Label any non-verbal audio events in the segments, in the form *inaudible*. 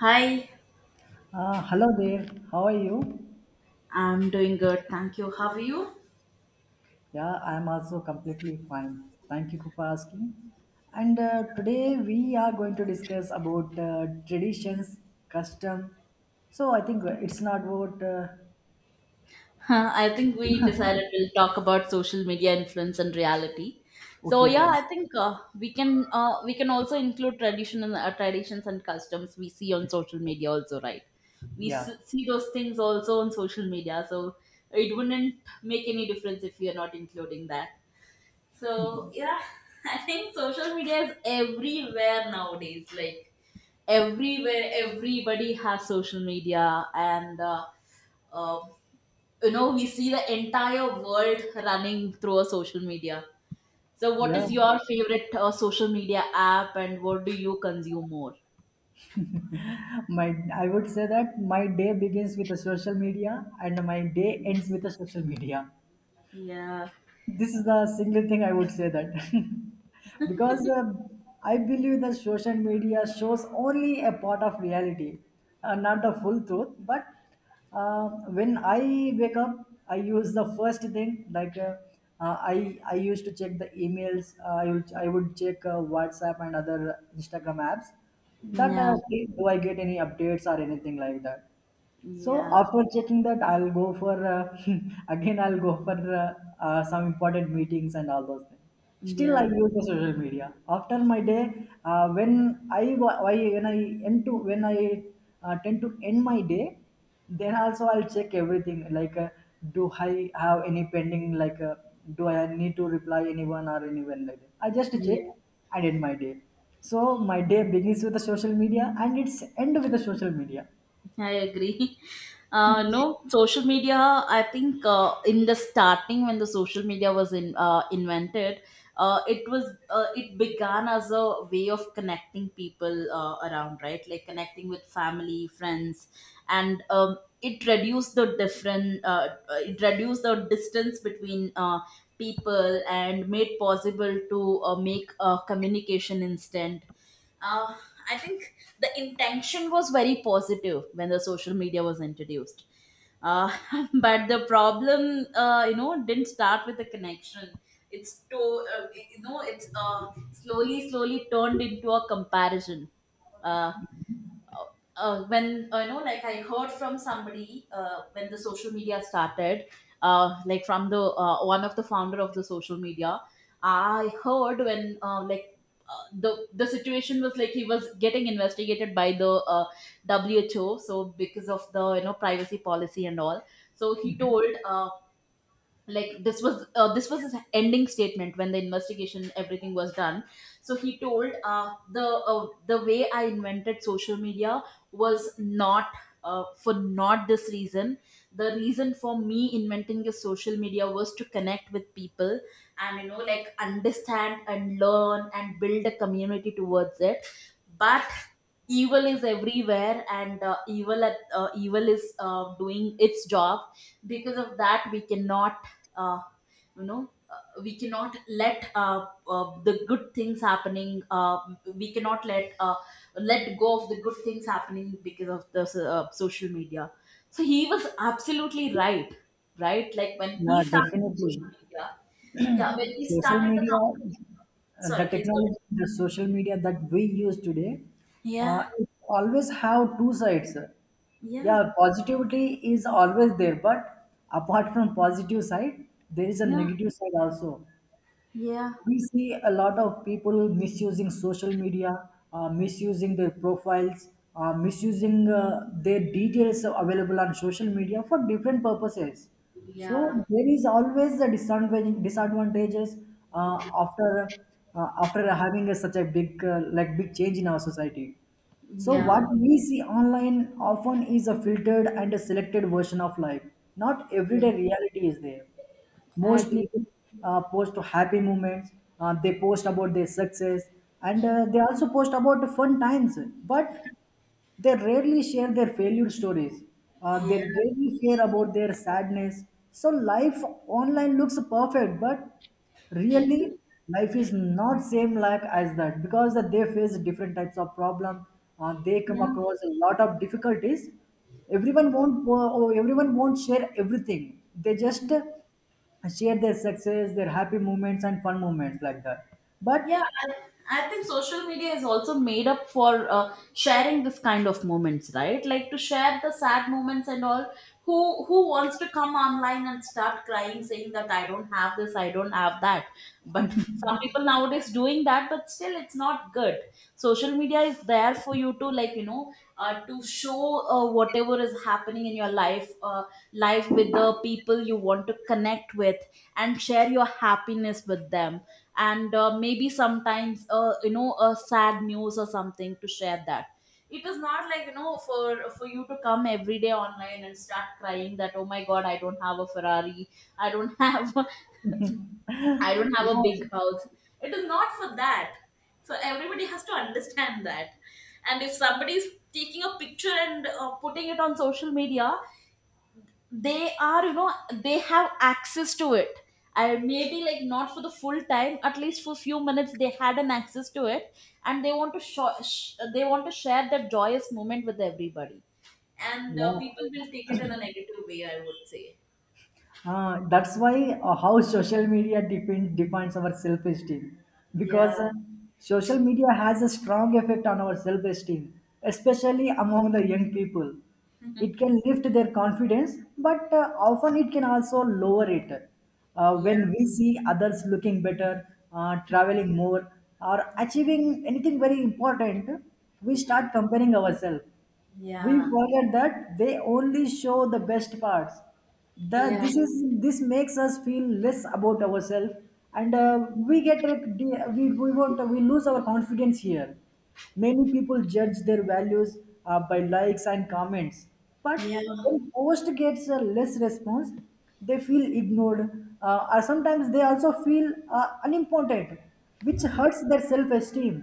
Hi, Hello there, how are you? I'm doing good. Thank you. How are you? Yeah, I'm also completely fine. Thank you for asking. And today we are going to discuss about traditions, custom. So I think it's not about I think we decided we'll talk about social media influence and reality. So okay yeah, then. I think we can we can also include tradition and traditions and customs we see on social media also, right? We Yeah, s- see those things also on social media, so it wouldn't make any difference if we are not including that. So yeah, *laughs* I think social media is everywhere nowadays. Like everywhere, everybody has social media, and uh, you know we see the entire world running through a social media. So, what yeah. is your favorite social media app, and what do you consume more? My, I would say that my day begins with the social media and my day ends with the social media. Yeah, This is the single thing I would say that, *laughs* because I believe that social media shows only a part of reality, not the full truth. But when I wake up, I use the first thing like I used to check the emails. I would check WhatsApp and other Instagram apps. That yeah, See, do I get any updates or anything like that? So yeah, after checking that, I'll go for *laughs* again. I'll go for some important meetings and all those things. Still, I yeah, use the social media after my day. When I wa- why when I end to when I tend to end my day, then also I'll check everything. Like, do I have any pending? Like, do I need to reply anyone or anyone like that? I just check yeah. and end my day. So my day begins with the social media and it's end with the social media. I agree. *laughs* No, social media. I think in the starting when the social media was invented, uh, it was it began as a way of connecting people around, right? Like connecting with family, friends, and it reduced the different. It reduced the distance between people and made possible to make communication instant. uh, I think the intention was very positive when the social media was introduced. Uh, *laughs* but the problem, you know, didn't start with the connection. It's to, you know, it's slowly, slowly turned into a comparison. Uh, when you know, like, I heard from somebody when the social media started, like from the one of the founder of the social media, I heard when the situation was like he was getting investigated by the uh, WHO, so because of the, you know, privacy policy and all. So he told, like, this was his ending statement when the investigation, everything was done. So he told, the way I invented social media was not for not this reason. The reason for me inventing the social media was to connect with people and, you know, like understand and learn and build a community towards it. But evil is everywhere, and evil is doing its job. Because of that, we cannot uh, you know, we cannot let the good things happening, we cannot let let go of the good things happening because of the social media. So he was absolutely right. Right, like when he Yeah, started the definitely. social media, yeah, when he Social started the media, company. The Sorry, please go technology, the social ahead. media that we use today, Yeah, it always have two sides. yeah, Yeah, positivity is always there, but apart from positive side, there is a yeah, negative side also. yeah, We see a lot of people misusing social media, misusing their profiles, misusing their details available on social media for different purposes. So yeah, there is always a disadvantage, disadvantages uh, after after having a, such a big like big change in our society. So yeah, what we see online often is a filtered and a selected version of life. Not yeah, everyday reality is there. I Most agree, people post happy moments, they post about their success, and they also post about the fun times, but they rarely share their failure stories. They yeah, rarely share about their sadness. So life online looks perfect, but really life is not same like as that because that they face different types of problem. They come yeah across a lot of difficulties. Everyone won't share everything. They just share their success, their happy moments and fun moments like that. But Yeah, I think social media is also made up for sharing this kind of moments, right? Like to share the sad moments and all. Who wants to come online and start crying, saying that I don't have this, I don't have that? But some people nowadays doing that, but still it's not good. Social media is there for you to, like, you know, to show whatever is happening in your life, life with the people you want to connect with, and share your happiness with them. And maybe sometimes you know, a sad news or something to share that. It is not like, you know, for you to come every day online and start crying that, oh my god, I don't have a ferrari, I don't have *laughs* I don't *laughs* have a yes, big house. It is not for that. So everybody has to understand that. And if somebody is taking a picture and putting it on social media, they are, you know, they have access to it. I maybe, like, not for the full time, at least for few minutes they had an access to it, and they want to they want to share that joyous moment with everybody. And yeah. people will take it in a negative way, I would say. That's why, how social media defines our self-esteem, Yeah because social media has a strong effect on our self-esteem, especially among the young people. It *laughs* can lift their confidence, but often it can also lower it. Yeah When we see others looking better, traveling more, or achieving anything very important, we start comparing ourselves. We yeah forget that they only show the best parts. that yeah this is this makes us feel less about ourselves, and we won't we lose our confidence here. Many people judge their values by likes and comments, but yeah when post gets less response, they feel ignored, or sometimes they also feel unimportant, which hurts their self-esteem.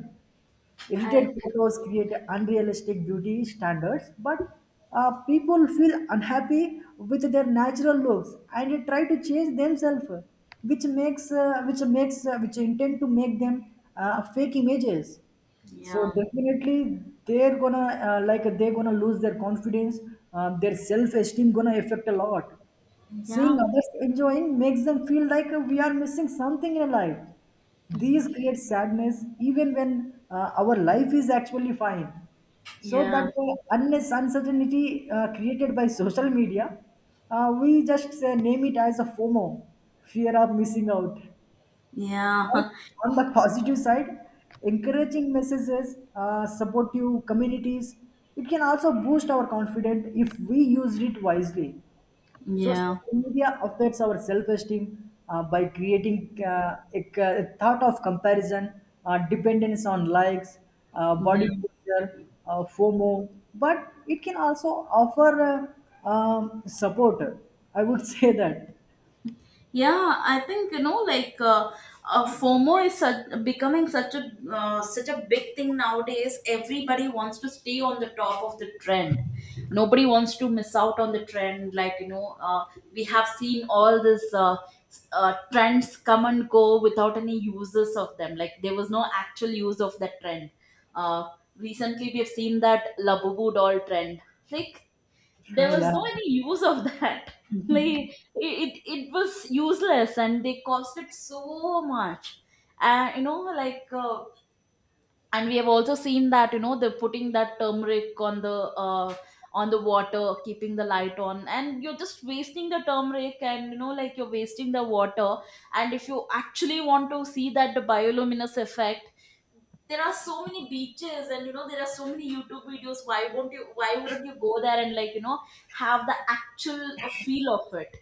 Edited I, photos create unrealistic beauty standards, but people feel unhappy with their natural looks and they try to change themselves, which makes which intend to make them fake images. So yeah definitely they're gonna like they're gonna lose their confidence. Their self-esteem gonna affect a lot. yeah Seeing others enjoying makes them feel like we are missing something in life. These create sadness even when our life is actually fine. So that yeah unless uncertainty created by social media, we just say, name it as a FOMO, fear of missing out. Right? yeah On the positive side, encouraging messages, supportive communities, it can also boost our confidence if we use it wisely. So *laughs* yeah social media affects our self-esteem by creating thought of comparison, dependence on likes, body yeah posture, FOMO. But it can also offer support. I would *laughs* say that. Yeah, I think, you know, like, FOMO is such, becoming such a such a big thing nowadays. Everybody wants to stay on the top of the trend. Nobody wants to miss out on the trend. Like, you know, we have seen all this trends come and go without any uses of them. Like there was no actual use of that trend. Uh, recently, we have seen that Labubu doll trend. Like, there was Yeah. no any use of that *laughs* like it was useless and they cost it so much. And you know, like, and we have also seen that, you know, they're putting that turmeric on the water, keeping the light on, and you're just wasting the turmeric, and, you know, like you're wasting the water. And if you actually want to see that bioluminous effect, there are so many beaches, and, you know, there are so many youtube videos. Why won't you, why wouldn't you go there and, like, you know, have the actual feel of it.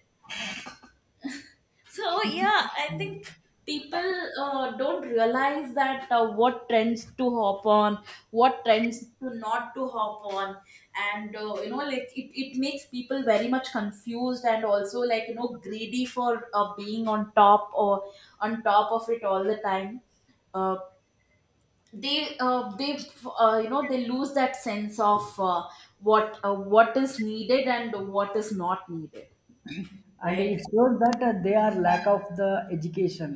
So yeah, I think people don't realize that what trends to hop on, what trends to not to hop on. And you know, like, it makes people very much confused and also, like, you know, greedy for being on top or on top of it all the time. Uh, they You know, they lose that sense of what, what is needed and what is not needed, And right. it shows that they are lack of the education.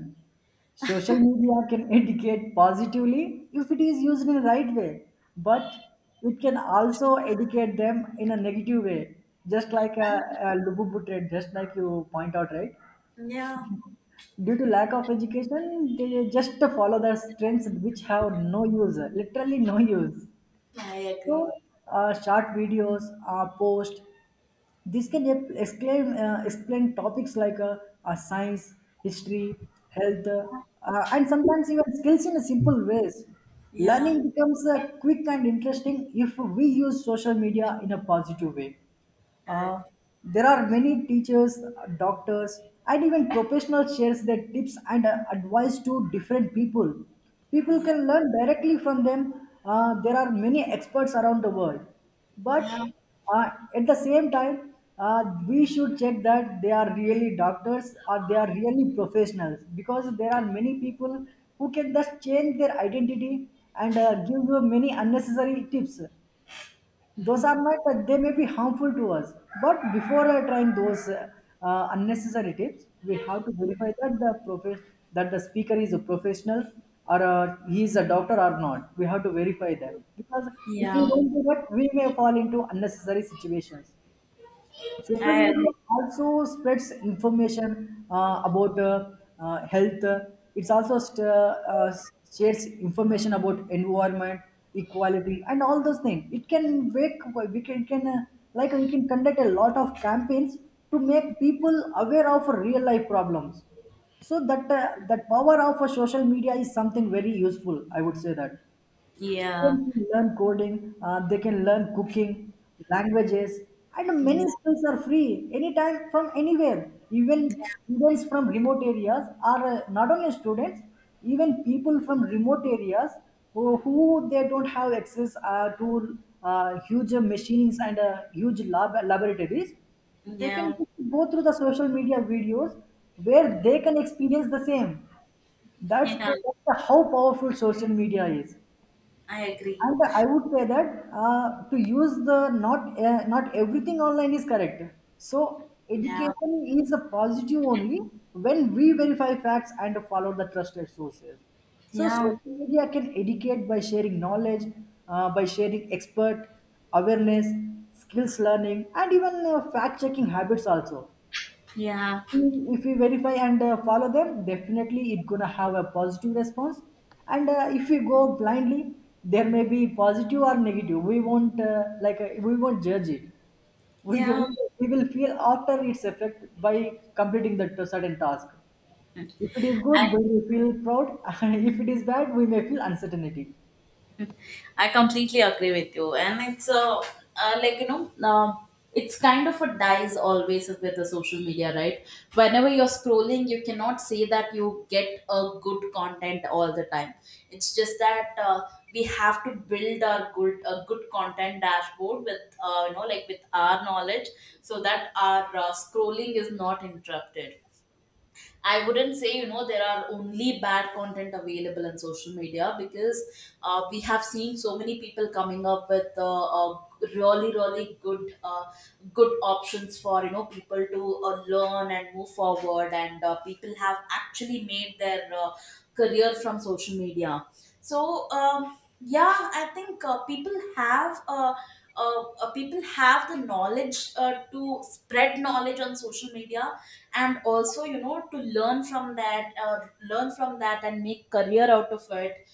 Social media can *laughs* educate positively if it is used in the right way, but it can also educate them in a negative way, just like a lububu trend, just like you point out, right? Yeah, Due to lack of education they just follow the trends which have no use, literally no use. I So agree. Short videos, post, this can explain topics like science, history, health, and sometimes even skills in a simple ways. Yeah, Learning becomes quick and interesting if we use social media in a positive way. I Uh, agree. there are many teachers, doctors, and even professionals shares their tips and advice to different people. People Yeah, can learn directly from them. There are many experts around the world, but yeah uh, at the same time we should check that they are really doctors or they are really professionals, because there are many people who can just change their identity and give you many unnecessary tips. Those are not they may be harmful to us. But before trying those unnecessary tips, we have to verify that that the speaker is a professional or he is a doctor or not. We have to verify that because if we yeah, don't do that we may fall into unnecessary situations. Social I media agree. also spreads information about health. It's also st- uh, shares information about environment, equality, and all those things. It can wake it can like we can conduct a lot of campaigns to make people aware of real life problems. So that that power of a social media is something very useful. I would say that. Yeah, Children can learn coding, they can learn cooking, languages, and many skills are free anytime from anywhere. Even students from remote areas are Not only students, even people from remote areas who they don't have access to huge machines and huge laboratories, yeah they can yeah, just go through the social media videos where they can experience the same. *laughs* Yeah, That's how powerful social media is. I agree. And I would say that to use the not everything online is correct. So Yeah, education is a positive only when we verify facts and follow the trusted sources. So social yeah, media can educate by sharing knowledge, by sharing expert awareness, skills learning, and even fact checking habits also. yeah, If we verify and follow them, definitely it gonna have a positive response, and if we go blindly there may be positive or negative. We won't we won't judge it. we, yeah. we will feel after its effect by completing certain task. If it is good we will feel proud. *laughs* If it is bad we may feel uncertainty. I completely agree with you, and it's like, you know, it's kind of a dies always with the social media, right? Whenever you're scrolling, you cannot say that you get a good content all the time. It's just that we have to build our good content dashboard with, you know, like with our knowledge, so that our scrolling is not interrupted. I wouldn't say, you know, there are only bad content available on social media, because we have seen so many people coming up with uh, really, really good, good options for, you know, people to learn and move forward, and people have actually made their career from social media. So yeah, I think people have. People have the knowledge to spread knowledge on social media, and also, you know, to learn from that, learn from that and make career out of it.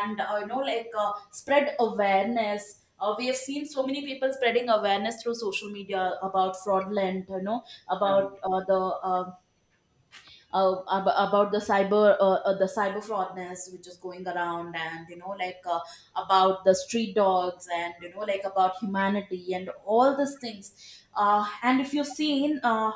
And you know, like, spread awareness. Uh, we have seen so many people spreading awareness through social media about fraudulent, you know, Yeah. about about the cyber fraudness which is going around, and, you know, like, about the street dogs, and, you know, like, about humanity and all these things. Uh, and if you've seen, uh,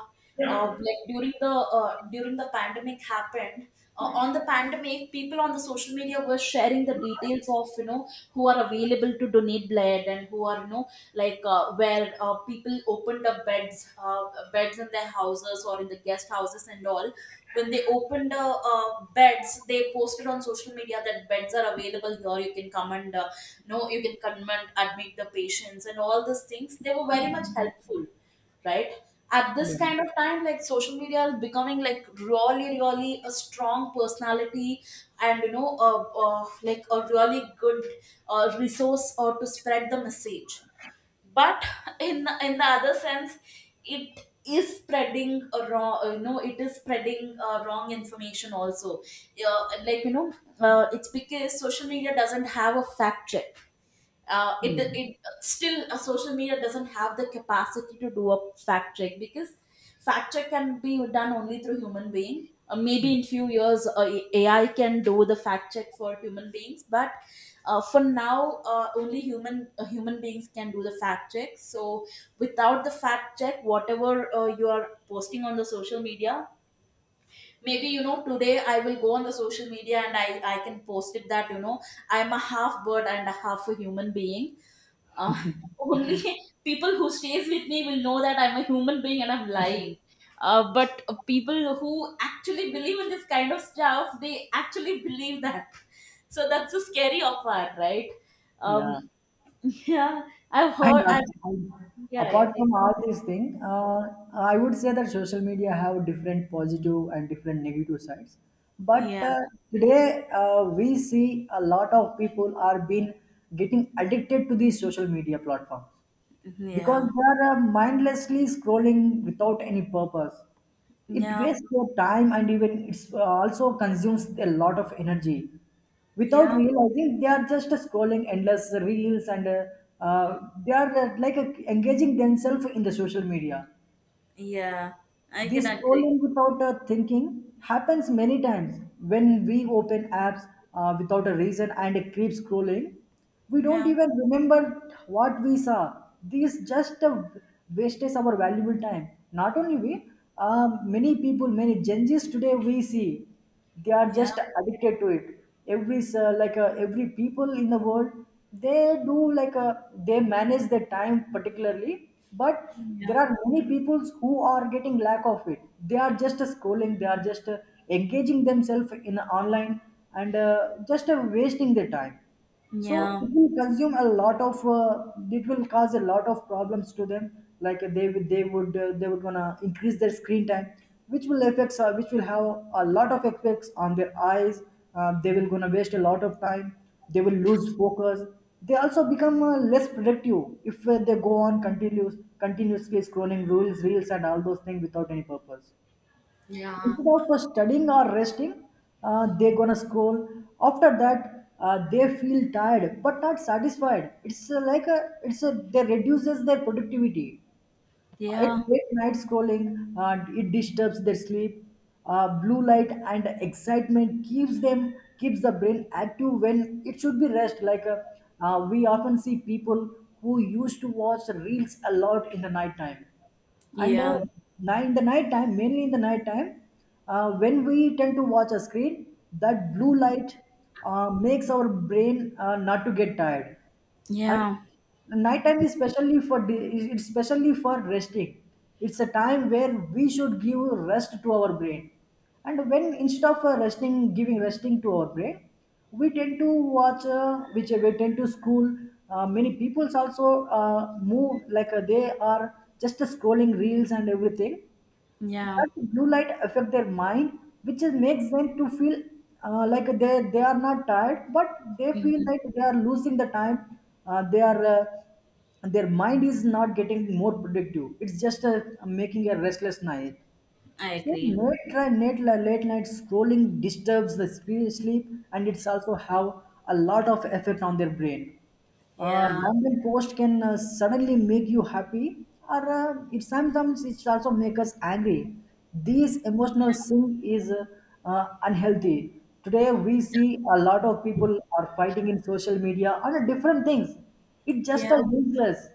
uh, like during the pandemic happened, on the pandemic, people on the social media were sharing the details of, you know, who are available to donate blood, and who are, you know, like, where people opened up beds, beds in their houses or in the guest houses and all. When they opened beds, they posted on social media that beds are available here, you can come and you know, you can come and admit the patients, and all these things, they were very much helpful, right? At this yeah kind of time, like, social media is becoming like really, really a strong personality, and, you know, a, like a really good resource or to spread the message. But in the other sense, it is spreading a wrong, you know, it is spreading wrong information also. Uh, like, you know, it's because social media doesn't have a fact check. It, yeah, it still Social media doesn't have the capacity to do a fact check, because fact check can be done only through human being. Uh, maybe in few years, ai can do the fact check for human beings, but for now, only human, human beings can do the fact check. So without the fact check, whatever you are posting on the social media, maybe, you know, today I will go on the social media and I can post it that, you know, I'm a half bird and a half a human being. Uh, *laughs* only people who stays with me will know that I'm a human being and I'm lying. But people who actually believe in this kind of stuff, they actually believe that. *laughs* So that's the scary of part, right? yeah. Um, *laughs* yeah, I've I heard. love it. Yeah, yeah, Apart please. from all these things, I would say that social media have different positive and different negative sides. But Yeah, today we see a lot of people are been getting addicted to these social media platforms because yeah, they are mindlessly scrolling without any purpose. It yeah, wastes their time and even it's also consumes a lot of energy. Without yeah, realizing, they are just scrolling endless reels, and uh, they are engaging themselves in the social media. yeah. I can This agree. scrolling without a thinking happens many times when we open apps without a reason and it keeps scrolling. We don't Yeah, even remember what we saw. This just a wastes our valuable time. Not only we, many people, many Gen Zs today we see they are yeah, just addicted to it. Every every people in the world, they do like they manage their time particularly, but yeah, there are many peoples who are getting lack of it. They are just scrolling, they are just engaging themselves in online, and just wasting their time. So yeah, it will consume a lot of. It will cause a lot of problems to them. Like they would gonna increase their screen time, which will which will have a lot of effects on their eyes. They will gonna waste a lot of time. They will lose focus. They also become less productive if they go on continuously scrolling reels, and all those things without any purpose. yeah, Instead of studying or resting, they gonna scroll. After that, they feel tired but not satisfied. It's like a, it's a, They reduces their productivity. At yeah, late night scrolling, it disturbs their sleep. Blue light and excitement keeps them keeps the brain active when it should be rest. We often see people who used to watch reels a lot in the night time and yeah, in the night time when we tend to watch a screen, that blue light makes our brain not to get tired, yeah, and nighttime is specially for resting. It's a time where we should give rest to our brain. And when instead of resting to our brain, we tend to school. Many peoples also move like they are just scrolling reels and everything, yeah. that blue light affect their mind, which is, makes them to feel like they are not tired, but they feel Hmm. like they are losing the time. They are Their mind is not getting more productive, it's just making a restless night. I So agree. Late night scrolling disturbs the sleep, and it's also have a lot of effect on their brain. Yeah. Random post can suddenly make you happy, or it sometimes it also make us angry. This emotional swing is unhealthy. Today we see a lot of people are fighting in social media on a different things. It just Yeah. a useless.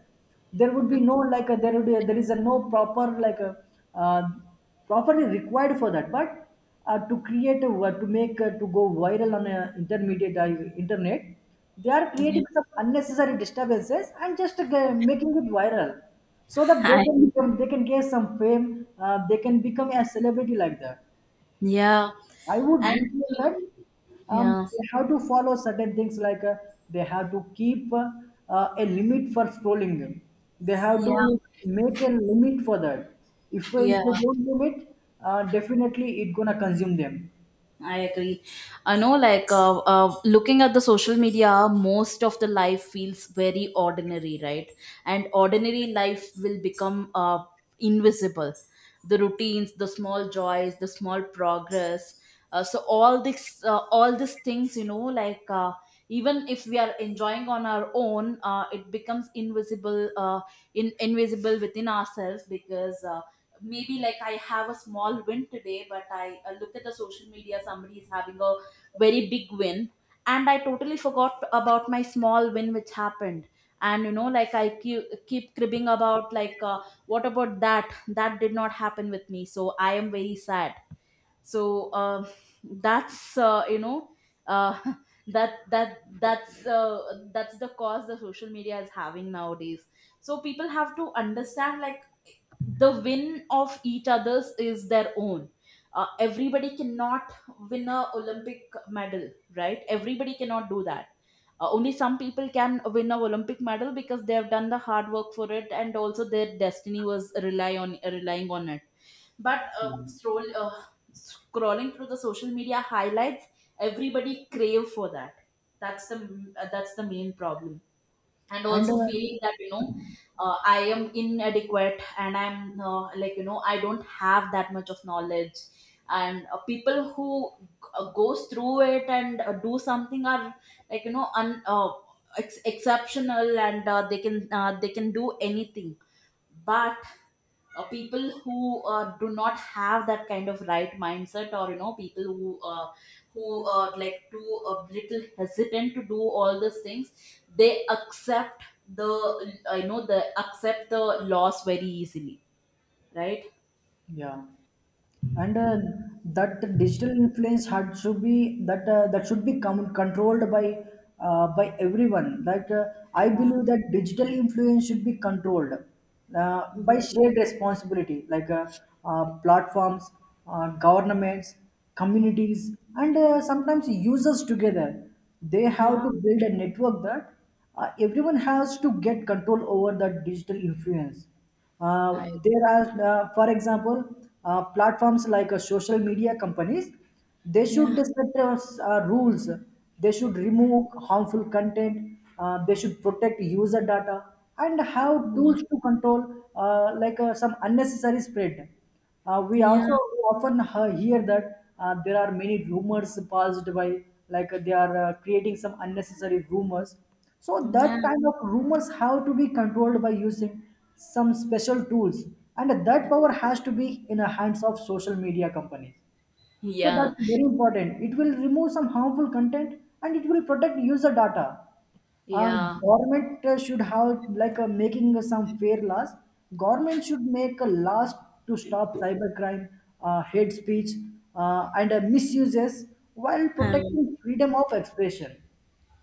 There would be *laughs* no like a, there would be there is a no proper like a uh, properly required for that. But to create a, to make to go viral on a intermediate internet, they are Yeah. creating some unnecessary disturbances and just making it viral so that they I, can become, they can get some fame, they can become a celebrity like that. yeah. I would And really that yeah. they have to follow certain things, like they have to keep a limit for scrolling. They have Yeah. to make a limit for that. If Yeah. they don't limit, definitely it gonna consume them. I agree. I know, like, looking at the social media, most of the life feels very ordinary, right? And ordinary life will become invisible. The routines, the small joys, the small progress. So all these things, like, even if we are enjoying on our own, it becomes invisible, in invisible within ourselves, because maybe like I have a small win today, but I look at the social media, somebody is having a very big win, and I totally forgot about my small win which happened. And you know, like I keep cribbing about like, what about that? That did not happen with me, so I am very sad. So that's uh, you know, uh, *laughs* that's the cause the social media is having nowadays. So people have to understand, like, the win of each other's is their own. Everybody cannot win a Olympic medal, right? Everybody cannot do that. Only some people can win a Olympic medal because they have done the hard work for it, and also their destiny was relying on it. But scrolling through the social media highlights, everybody crave for that. That's the uh, that's the main problem, and And also feeling that, I am inadequate, and I'm like, I don't have that much of knowledge. And people who goes through it and do something are, like, exceptional, and they can do anything. But people who do not have that kind of right mindset, or people who like too a little hesitant to do all these things, they accept the, uh, you know the accept the loss very easily, right? yeah. And that digital influence had to be that that should be controlled by everyone. Like I Yeah. believe that digital influence should be controlled uh, by Yeah. shared responsibility, like platforms, governments, communities, and sometimes users together. They have Yeah. to build a network that everyone has to get control over that digital influence. I, There are, for example, platforms like social media companies. They should Yeah. set rules. They should remove harmful content. They should protect user data and have Yeah. tools to control some unnecessary spread. We also Yeah. often hear that there are many rumors passed by, like they are creating some unnecessary rumors. So that kind of rumors have to be controlled by using some special tools, and that power has to be in the hands of social media companies. So Yeah, that's very important. It will remove some harmful content and it will protect user data. And yeah. government should have like making some fair laws. Government should make a laws to stop cybercrime, hate speech, and misuses while Um, protecting freedom of expression.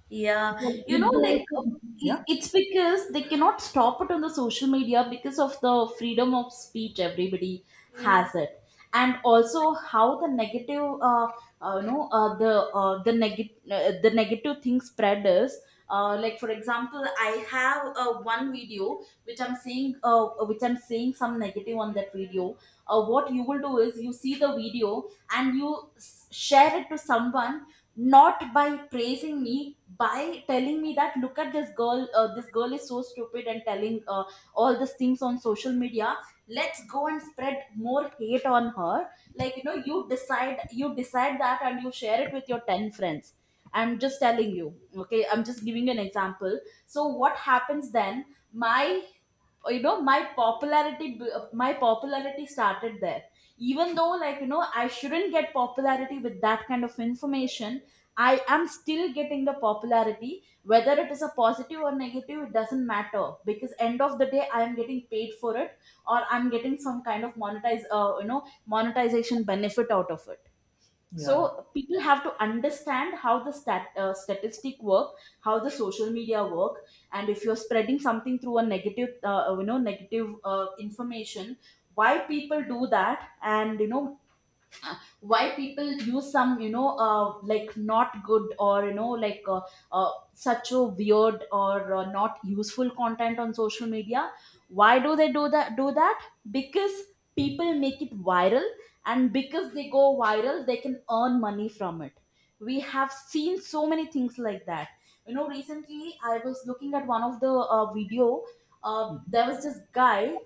Yeah, So, could they like, also- it, Yeah, it's because they cannot stop it on the social media, because of the freedom of speech everybody Mm. has it. And also how uh you know, uh, the the negative thing spread is. Like, for example, I have one video which I'm seeing some negative on that video. What you will do is, you see the video and you share it to someone, not by praising me, by telling me that look at this girl is so stupid, and telling all these things on social media. Let's go and spread more hate on her. Like, you decide that and you share it with your 10 friends. I'm just telling you, okay? I'm just giving you an example. So what happens then? My you know my popularity my popularity started there. Even though, like, I shouldn't get popularity with that kind of information, I am still getting the popularity, whether it is a positive or negative. It doesn't matter, because end of the day I am getting paid for it, or I'm getting some kind of monetize you know monetization benefit out of it. yeah. So people have to understand how the statistic work, how the social media work. And if you're spreading something through a negative you know negative information, why people do that? And why people use some, like, not good, or like such a weird, or not useful content on social media? Why do they do that? Because people make it viral, and because they go viral they can earn money from it. We have seen so many things like that. You know, recently I was looking at one of the video. There was this guy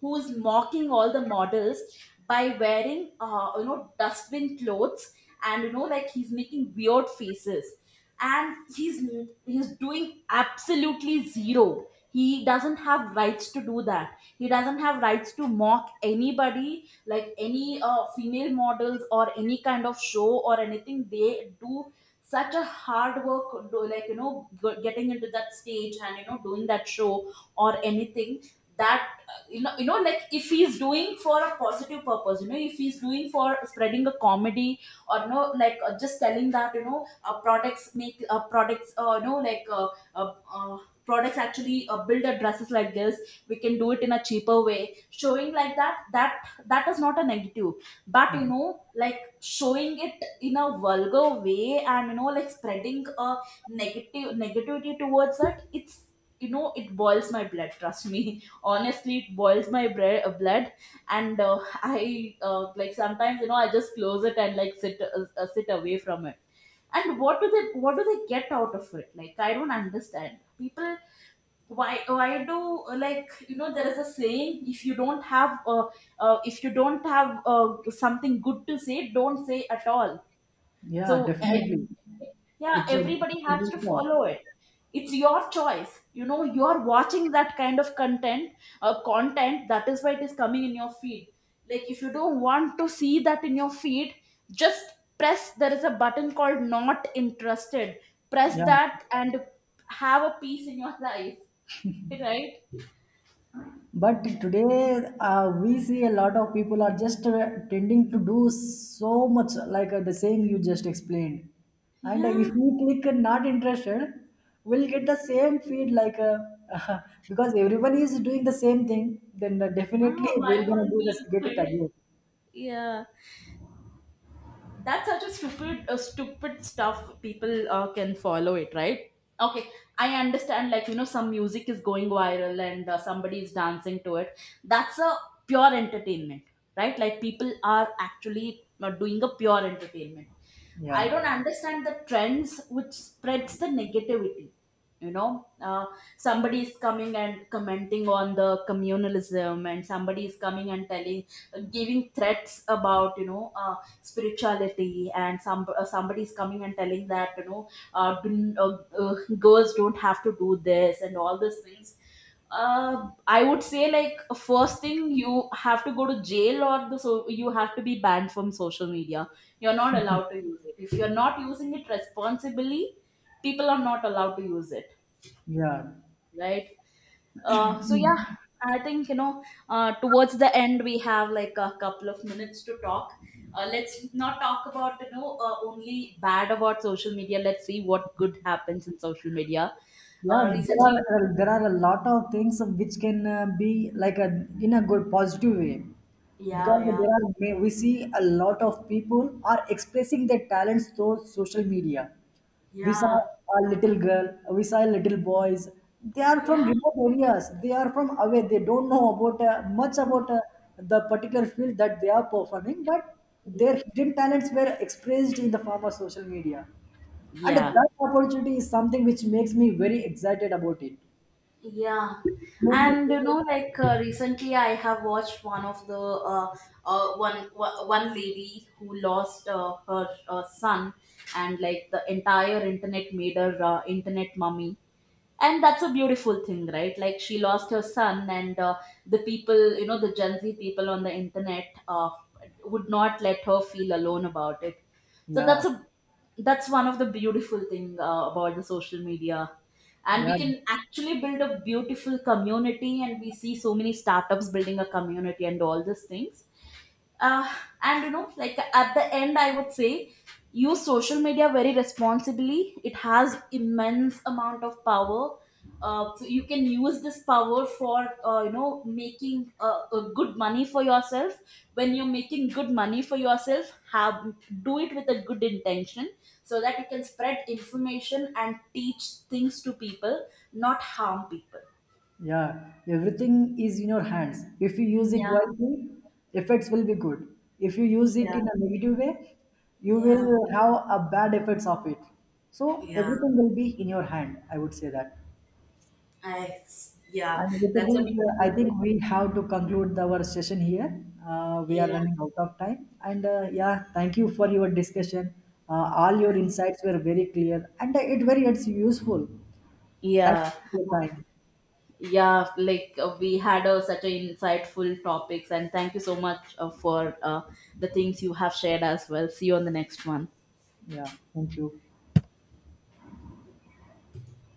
who's mocking all the models by wearing, dustbin clothes, and, like, he's making weird faces, and he's doing absolutely zero. He doesn't have rights to do that. He doesn't have rights to mock anybody, like any female models or any kind of show or anything they do such a hard work. Like, getting into that stage, and, doing that show or anything. That, like, if he's doing for a positive purpose, if he's doing for spreading a comedy, or, like, just telling that, uh, uh, products actually build a dresses like this. We can do it in a cheaper way, showing like that. That is not a negative. But, Mhm. Like, showing it in a vulgar way, and, like, spreading a negative negativity towards it. It boils my blood. Trust me. *laughs* Honestly, it boils my blood. And *laughs* I like, sometimes, I just close it and like sit away from it. And what do they get out of it? Like, I don't understand people. Why why do like you know there is a saying: if you don't have something good to say, don't say at all. Yeah, So, definitely. yeah, It's a, everybody it's a has big to law. follow it. It's your choice. You're watching that kind of content. That is why it is coming in your feed. Like, if you don't want to see that in your feed, just press. There is a button called "Not Interested." Press Yeah. that and have a peace in your *laughs* life, right? But today, we see a lot of people are just tending to do so much, like the same you just explained. And Yeah. if we click not interested, we'll get the same feed, like *laughs* because everyone is doing the same thing, then definitely Ah, we're why gonna wouldn't do this, we do get it it? again. Yeah. That's such a stupid stuff people can follow it, right? Okay, I understand, like, some music is going viral, and somebody is dancing to it. That's a pure entertainment, right? Like, people are actually doing a pure entertainment. I Yeah, don't understand the trends which spreads the negativity. You know, uh, somebody is coming and commenting on the communalism, and somebody is coming and giving threats about, spirituality, and somebody is coming and telling that, girls don't have to do this, and all these things. I would say, like, first thing, you have to go to jail, or the so you have to be banned from social media. You're not allowed to use it. If you're not using it responsibly, people are not allowed to use it, yeah. right? So yeah, I think, towards the end we have like a couple of minutes to talk. Let's not talk about, only bad about social media. Let's see what good happens in social media. Yeah, Uh, recently, there are a lot of things which can be like a in a good positive way, yeah, because yeah, there are we see a lot of people are expressing their talents through social media. We saw yeah, a little girl, we saw little boys. They are yeah. from remote areas. They are from away. They don't know about much about the particular field that they are performing, but their hidden talents were expressed in the form of social media. And Yeah. that opportunity is something which makes me very excited about it. Yeah, Maybe- and, like, recently, I have watched one of the one one one lady who lost her son, and like, the entire internet made her internet mummy. And that's a beautiful thing, right? Like, she lost her son, and the Gen Z people on the internet would not let her feel alone about it. So Yeah, that's one of the beautiful thing about the social media. And we yeah, can actually build a beautiful community, and we see so many startups building a community and all these things. Uh, and, like, at the end, I would say, use social media very responsibly. It has immense amount of power. So you can use this power for, making good money for yourself. When you're making good money for yourself, have do it with a good intention, so that you can spread information and teach things to people, not harm people. yeah. Everything is in your hands. If you use it Yeah, wisely, effects will be good. If you use it yeah, in a negative way, you will yeah, have a bad effects of it. So yeah. everything will be in your hand. I would say that. I yeah, And with this, that's a I beautiful thing. think we have to conclude our session here. We are Yeah. running out of time. And yeah, thank you for your discussion. All your insights were very clear and it's useful. Thank Yeah, you for your time. yeah. Like, we had such an insightful topics, and thank you so much for the things you have shared as well. See you on the next one. Yeah, thank you.